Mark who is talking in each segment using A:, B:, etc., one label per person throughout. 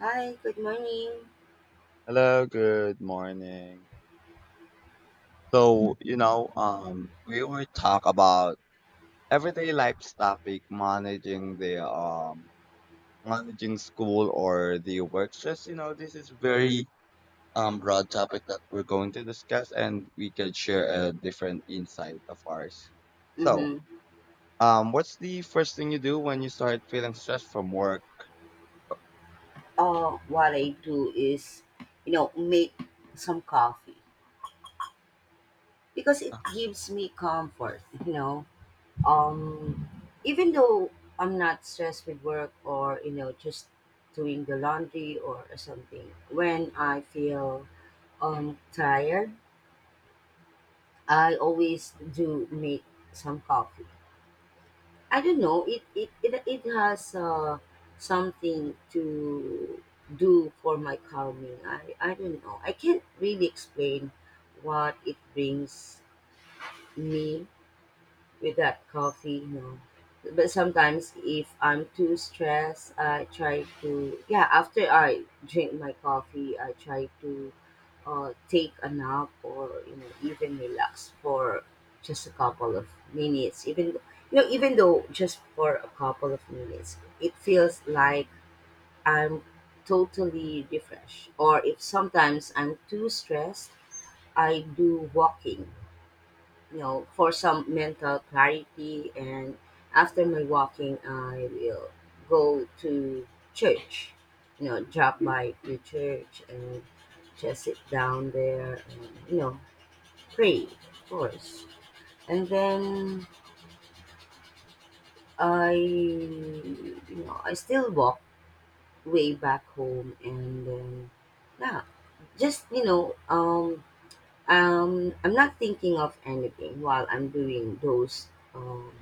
A: Hi, good morning.
B: Hello, good morning. We will talk about everyday life topic, managing the managing school or the work stress. You know, this is very broad topic that we're going to discuss, and we can share a different insight of ours. So,
A: Mm-hmm.
B: what's the first thing you do when you start feeling stressed from work?
A: What I do is, you know, make some coffee because it
B: Uh-huh.
A: gives me comfort, you know. Um, Even though I'm not stressed with work or, you know, just doing the laundry or something, when I feel tired, I always do make some coffee. I don't know. It has something to do for my calming. I don't know. I can't really explain what it brings me with that coffee, but sometimes if I'm too stressed I try to, yeah, after I drink my coffee I try to take a nap or, you know, even relax for just a couple of minutes. Even you know, even though just for a couple of minutes, it feels like I'm totally refreshed. Or if sometimes I'm too stressed I do walking, you know, for some mental clarity. And after my walking, I will go to church, you know, drop by to church and just sit down there and, you know, pray, of course. And then I, you know, I still walk way back home and then, yeah, just, I'm not thinking of anything while I'm doing those um,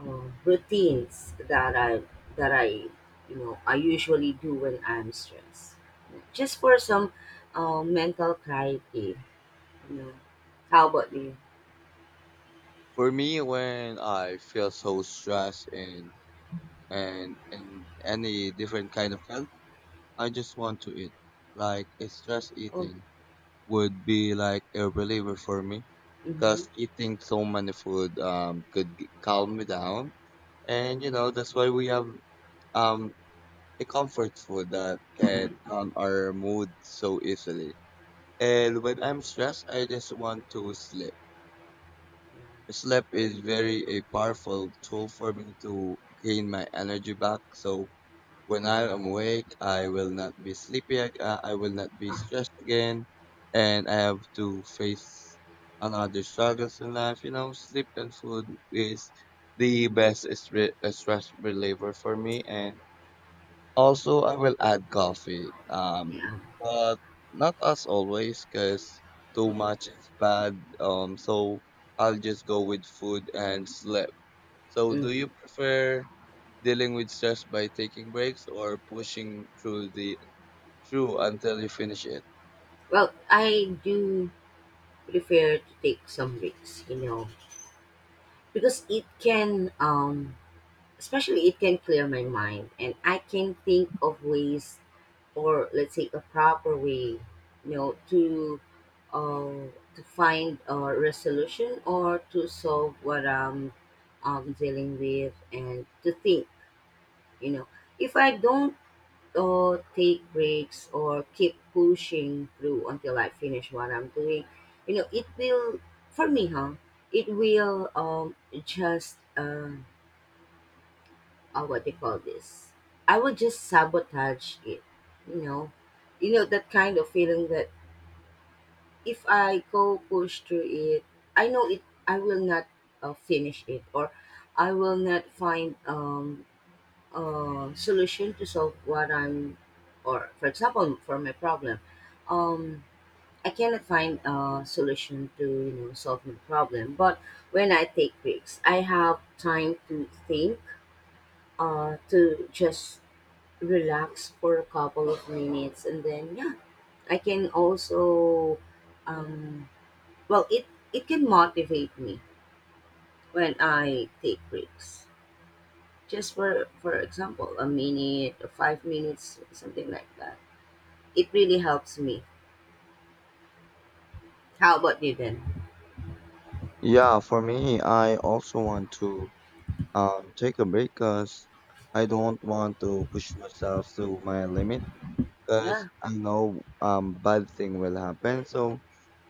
A: routines that I you know I usually do when I'm stressed, just for some mental clarity. You know, how about you?
B: For me, when I feel so stressed and any different kind of, I just want to eat. Like, it's just
A: Oh,
B: eating would be like a reliever for me,
A: mm-hmm.
B: because eating so many food calm me down. And, you know, that's why we have um, a comfort food that can calm our mood so easily. And when I'm stressed, I just want to sleep. Sleep is very a powerful tool for me to gain my energy back. So when I am awake, I will not be sleepy. I will not be stressed again, and I have to face another struggles in life. You know, sleep and food is the best stress reliever for me, and also, I will add coffee,
A: Yeah.
B: but not as always, because too much is bad. So I'll just go with food and sleep. So, do
A: Mm-hmm.
B: you prefer dealing with stress by taking breaks or pushing through until you finish it?
A: Well, I do prefer to take some breaks. You know, because it can especially it can clear my mind and I can think of ways, or let's say a proper way, you know, uh, to find a resolution or to solve what I'm dealing with. And to think, you know, if I don't take breaks or keep pushing through until I finish what I'm doing, you know it will, for me, huh, it will just what they call this, I would just sabotage it, you know. You know that kind of feeling that if I go push through it, I know it, I will not finish it, or I will not find a solution to solve what I'm, or for example for my problem, um I cannot find a solution to, you know, solve my problem. But when I take breaks I have time to think, to just relax for a couple of minutes, and then, yeah, I can also um well it can motivate me when I take breaks, just for example, a minute or 5 minutes, something like that. It really helps me. How about you then?
B: Yeah, for me, I also want to take a break, because I don't want to push myself to my limit because
A: Yeah.
B: I know bad thing will happen. So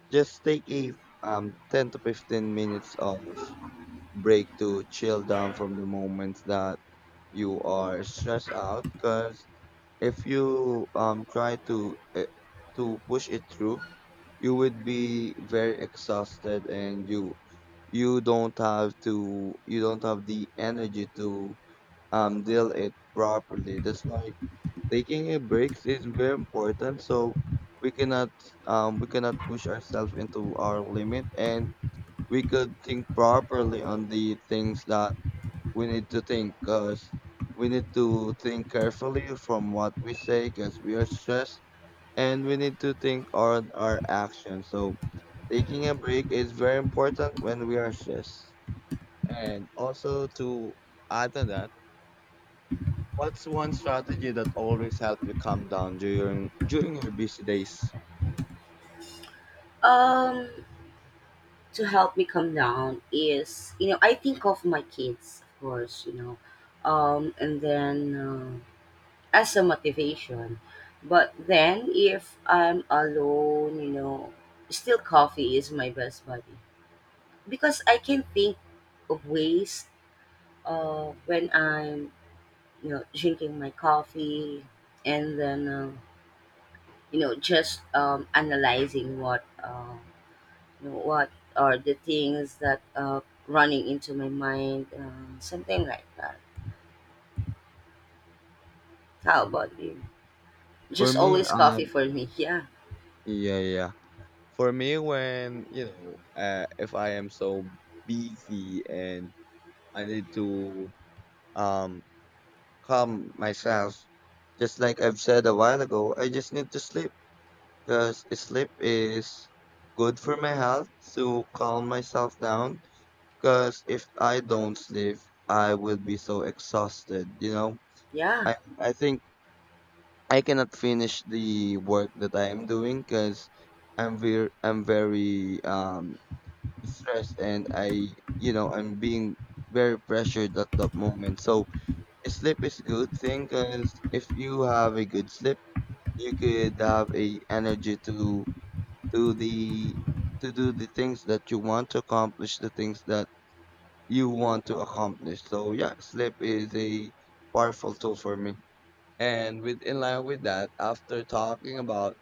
B: just take a 10 to 15 minutes of break to chill down from the moment that you are stressed out, because if you try to push it through, you would be very exhausted and you don't have to, you don't have the energy to deal it properly. That's why taking a breaks is very important, so we cannot we cannot push ourselves into our limit, and we could think properly on the things that we need to think, because we need to think carefully from what we say because we are stressed, and we need to think on our actions. So taking a break is very important when we are stressed. And also, to add on that, what's one strategy that always helped you calm down during your busy days?
A: um to help me calm down is, you know, I think of my kids, of course, you know, and then as a motivation. But then if I'm alone, you know, still coffee is my best buddy because I can think of ways when I'm, you know, drinking my coffee, and then you know, just analyzing what, you know, what are the things that, running into my mind, something like that. How about you?
B: For
A: Just
B: me,
A: always coffee for me. Yeah.
B: yeah, yeah. For me, when you know, if I am so busy and I need to um calm myself, just like I've said a while ago, I just need to sleep because sleep is good for my health to calm myself down. Because if I don't sleep, I will be so exhausted. You know,
A: Yeah.
B: I think I cannot finish the work that I am doing because I'm very stressed, and I, you know, I'm being very pressured at that moment. So sleep is a good thing, because if you have a good sleep, you could have a energy do the to do the things that you want to accomplish, the things that you want to accomplish. So yeah, sleep is a powerful tool for me. And with in line with that, after talking about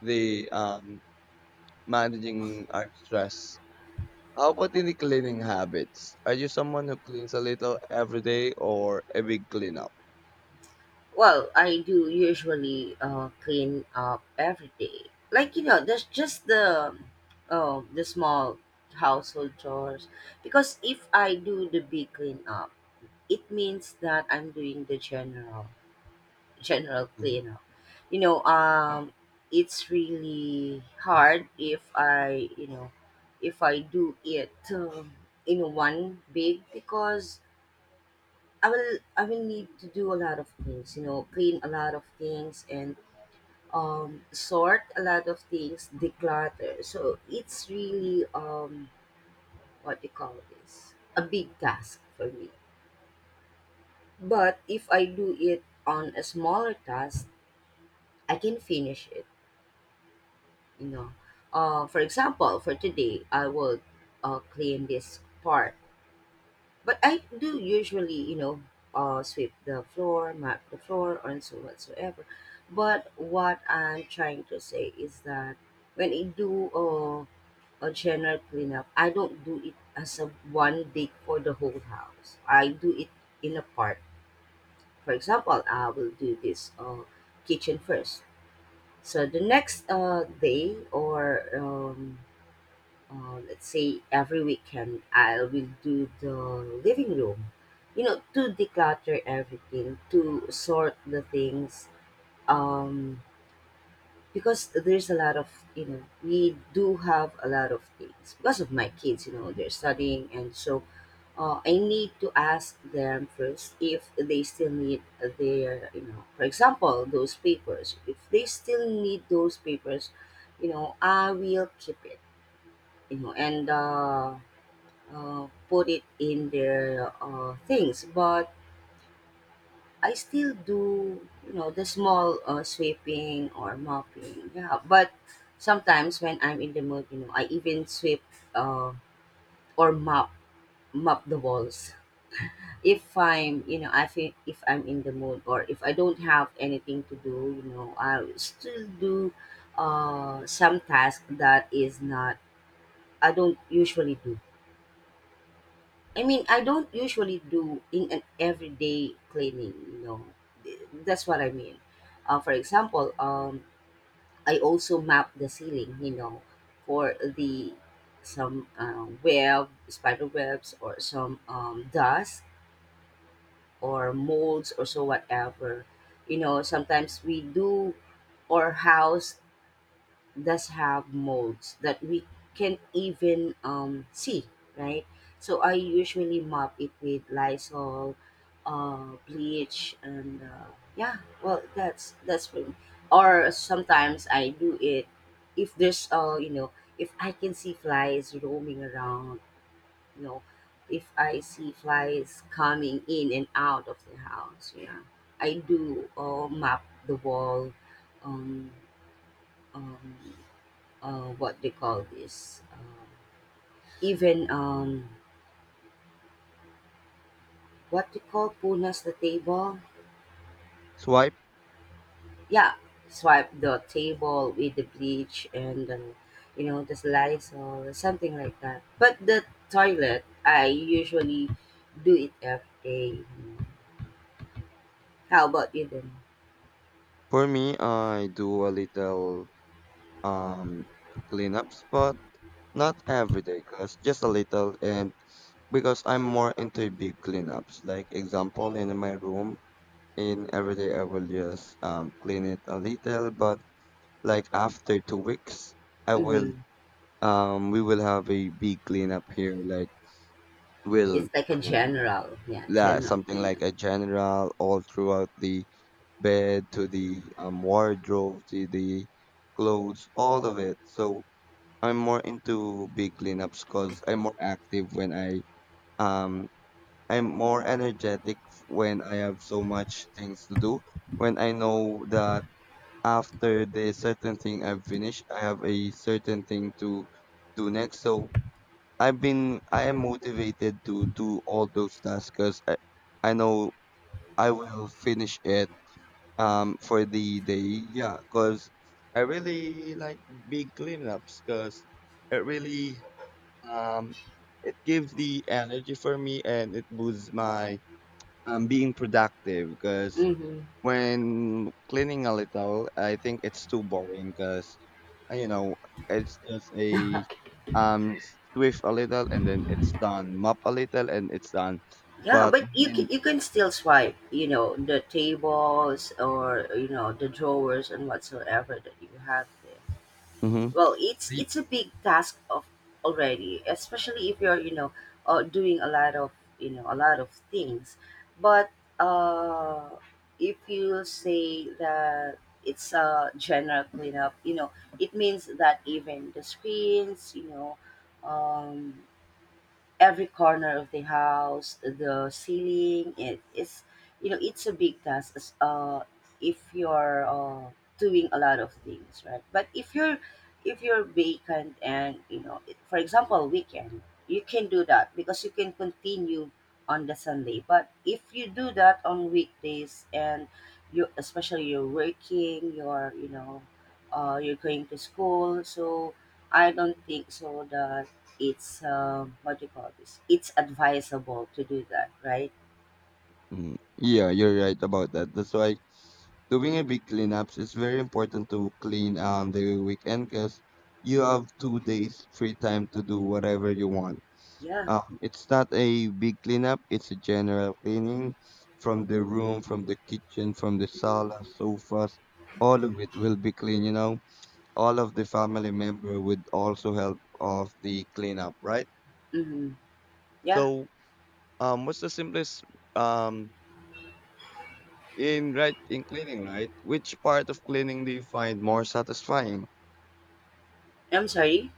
B: the managing our stress, how about in the cleaning habits? Are you someone who cleans a little every day or a big cleanup?
A: Well, I do usually clean up every day. Like, you know, that's just the small household chores. Because if I do the big cleanup, it means that I'm doing the general
B: Mhm.
A: cleanup. You know, it's really hard if I, you know, if I do it in one big, because I will need to do a lot of things, you know, clean a lot of things and sort a lot of things, declutter. So it's really what you call this, a big task for me. But if I do it on a smaller task, I can finish it, you know. For example, for today, I will clean this part. But I do usually, you know, sweep the floor, mop the floor, and so whatsoever. But what I'm trying to say is that when I do a general cleanup, I don't do it as a one day for the whole house. I do it in a part. For example, I will do this kitchen first. So the next day or let's say every weekend I will do the living room, you know, to declutter everything, to sort the things, um, because there's a lot of, you know, we do have a lot of things because of my kids, you know, they're studying and so. I need to ask them first if they still need their, you know, for example, those papers. If they still need those papers, you know, I will keep it, you know, and put it in their things. But I still do, you know, the small sweeping or mopping. Yeah, but sometimes when I'm in the mood, you know, I even sweep uh, or mop the walls. If I'm, you know, I feel if I'm in the mood, or if I don't have anything to do, you know, I'll still do some task that is not I don't usually do. I mean, I don't usually do in an everyday cleaning, you know. Th- That's what I mean. For example, I also map the ceiling, you know, for the some web, spider webs, or some dust, or molds, or so whatever. You know, sometimes we do, our house does have molds that we can even see, right? So I usually mop it with Lysol, bleach, and yeah. Well, that's for me. Or sometimes I do it if there's, you know, if I can see flies roaming around, you know, if I see flies coming in and out of the house, yeah, I do mop the wall, um, um, what they call this, even what they call punas the table.
B: Swipe.
A: Yeah, swipe the table with the bleach and, you know, the slice or something like that. But the toilet I usually do it every day. How about you then?
B: For me, I do a little um cleanups, but not every day, cause just a little, and because I'm more into big cleanups. Like example, in my room, in every day I will just clean it a little, but like after 2 weeks, I will,
A: Mm-hmm.
B: um, we will have a big cleanup here. Like, we'll
A: It's like a
B: um,
A: general, yeah,
B: la
A: general
B: something like
A: cleanup.
B: a general all throughout the bed to the wardrobe to the clothes, all of it. So I'm more into big cleanups because I'm more active when I um I'm more energetic when I have so much things to do. When I know that after the certain thing I've finished, I have a certain thing to do next. So I am motivated to do all those tasks because I know I will finish it for the day. Yeah, because I really like big cleanups because it really um it gives the energy for me and it boosts my being productive, because
A: Mm-hmm.
B: when cleaning a little, I think it's too boring because, you know, it's just a um swift a little and then it's done, mop a little and it's done.
A: Yeah,
B: But
A: but
B: when
A: you can,
B: in,
A: you can still swipe, you know, the tables, or you know the drawers and whatsoever that you have there.
B: hmm
A: Well, it's a big task of already, especially if you're, you know, doing a lot of, you know, a lot of things. But uh, if you say that it's a general cleanup, you know, it means that even the screens, you know, um, every corner of the house, the ceiling. It is, you know, it's a big task. If you're doing a lot of things, right? But if you're, if you're vacant and, you know, it, for example, weekend, you can do that because you can continue on the Sunday. But if you do that on weekdays and you, especially you're working, you're, you know, you're going to school, so I don't think so that it's what do you call this? It's advisable to do that, right?
B: yeah, you're right about that. That's why doing a big cleanups is very important to clean on the weekend, because you have 2 days free time to do whatever you want.
A: Yeah.
B: It's not a big cleanup, it's a general cleaning from the room, from the kitchen, from the sala, sofas, all of it will be clean, you know. All of the family member would also help of the cleanup, right?
A: Mm-hmm. Yeah.
B: So, what's the simplest um in cleaning, right? Which part of cleaning do you find more satisfying?
A: I'm sorry.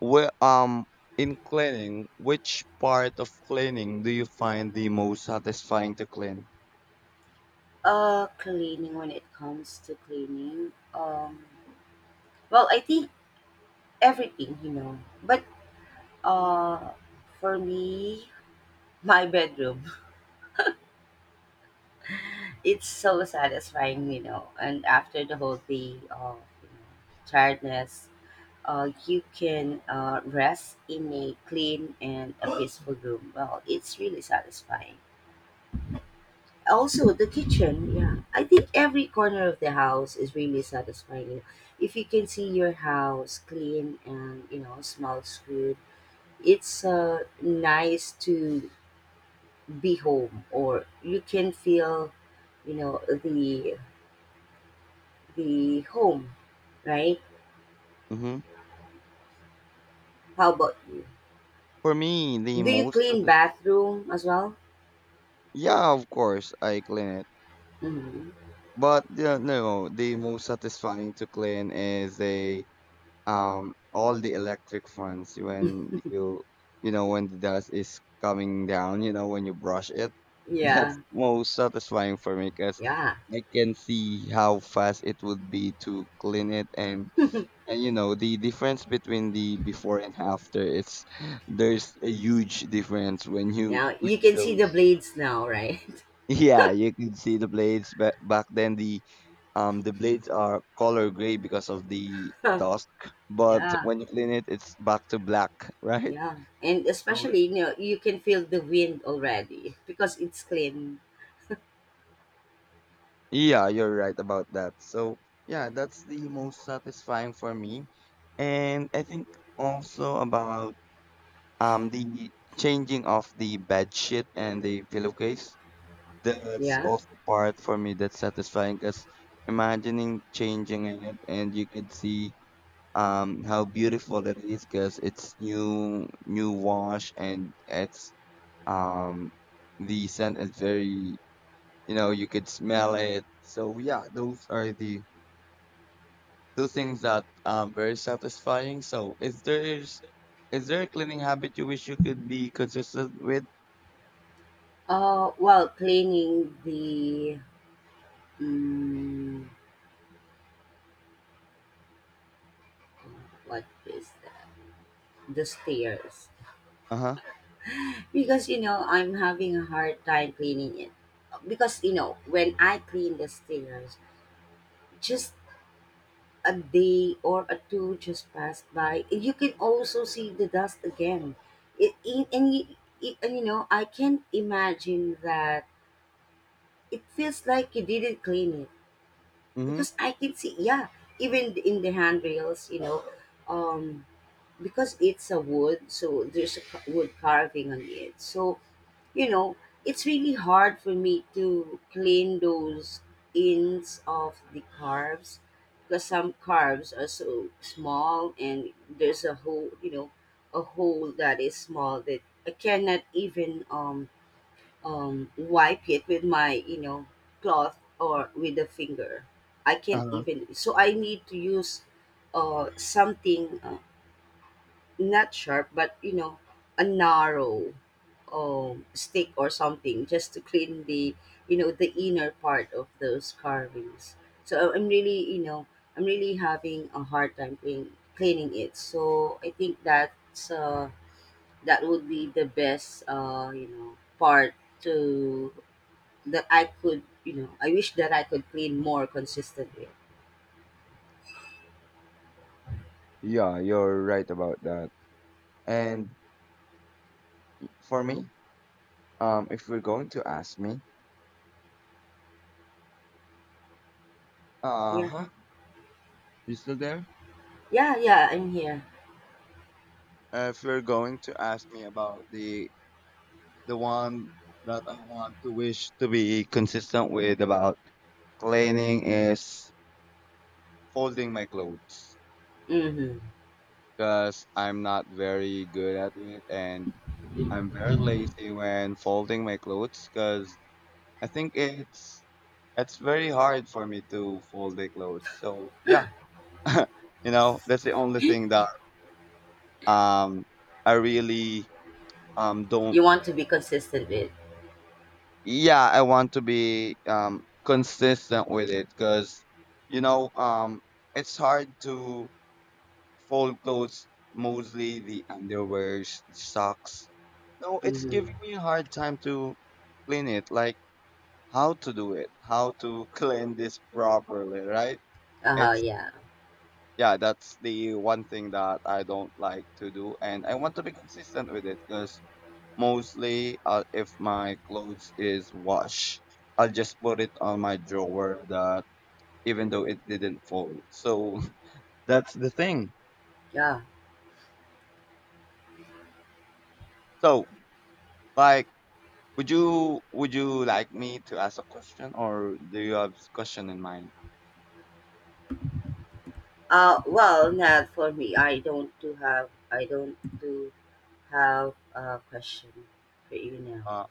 B: Where in cleaning, which part of cleaning do you find the most satisfying to clean?
A: Cleaning. When it comes to cleaning, well, I think everything, you know. But uh, for me, my bedroom, it's so satisfying, you know. And after the whole day of, you know, tiredness, you can rest in a clean and a peaceful room. Well, it's really satisfying. Also the kitchen. Yeah, I think every corner of the house is really satisfying. If you can see your house clean and you know smells good, it's nice to be home, or you can feel, you know, the home, right?
B: Mm-hmm.
A: How about you?
B: For me,
A: Do you clean bathroom as well?
B: yeah, of course I clean it.
A: Hmm.
B: But yeah, no, the most satisfying to clean is a all the electric fans when you know, when the dust is coming down, you know, when you brush it. That's
A: Yeah,
B: most satisfying for me because
A: yeah.
B: I can see how fast it would be to clean it, and you know the difference between the before and after, it's there's a huge difference when you
A: Yeah. You
B: clean
A: can see the
B: those.
A: blades now, right?
B: Yeah, you can see the blades. Back then the blades are color gray because of the dusk, but
A: Yeah.
B: when you clean it it's back to black, right?
A: Yeah, and
B: So
A: especially, you know, you can feel the wind already because it's clean.
B: yeah, you're right about that. So, yeah, that's the most satisfying for me. And I think also about the changing of the bed sheet and the pillowcase. That's
A: Yeah.
B: also part for me that's satisfying, because imagining changing it and you could see how beautiful it is because it's new wash, and it's um the scent is very, you know, you could smell it. So yeah, those are the, those things that very satisfying. Is there a cleaning habit you wish you could be consistent with?
A: While cleaning the um, what is that? The stairs,
B: Uh-huh.
A: because, you know, I'm having a hard time cleaning it, because, you know, when I clean the stairs, just a day or a two just passed by, you can also see the dust again. It, and, you- it, and You know I can't imagine that. It feels like you didn't clean it
B: Mm-hmm.
A: because I can see, yeah, even in the handrails, you know, um, because it's a wood, so there's a wood carving on it. So, you know, it's really hard for me to clean those ends of the carves, because some carves are so small and there's a hole, you know, a hole that is small that I cannot even wipe it with my, you know, cloth or with a finger. I can't
B: Uh-huh.
A: even, so I need to use something, not sharp but, you know, a narrow stick or something just to clean the, you know, the inner part of those carvings. So I'm really, you know, I'm really having a hard time cleaning it. So I think that's that would be the best, you know, part to that I could, you know, I wish that I could clean more consistently.
B: Yeah, you're right about that. And for me, if you're going to ask me,
A: Yeah.
B: uh-huh, you still there?
A: Yeah, yeah, I'm here.
B: If you're going to ask me about the one that I want to wish to be consistent with about cleaning is folding my clothes,
A: Mm-hmm.
B: because I'm not very good at it and I'm very lazy when folding my clothes, because I think it's very hard for me to fold the clothes. So yeah, you know that's the only thing that um I really don't.
A: You want to be consistent with.
B: Yeah, I want to be consistent with it, because you know um it's hard to fold clothes, mostly the underwear, socks. No, it's
A: Mm-hmm.
B: giving me a hard time to clean it. Like, how to do it, how to clean this properly, right?
A: Uh-huh,
B: It's,
A: yeah.
B: yeah, that's the one thing that I don't like to do, and I want to be consistent with it. Because mostly, if my clothes is washed, I'll just put it on my drawer that even though it didn't fold. So that's the thing.
A: Yeah.
B: So like, would you like me to ask a question, or do you have question in mind?
A: Well, not for me. I don't do have a question for you now.
B: Uh,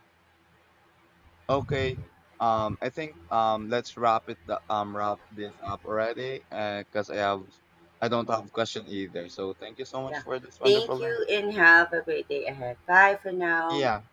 B: okay. I think let's wrap wrap this up already. Cause I don't have question either. So thank you so much
A: Yeah.
B: for this
A: Thank
B: wonderful day.
A: you and have a great day ahead. Bye for now.
B: Yeah.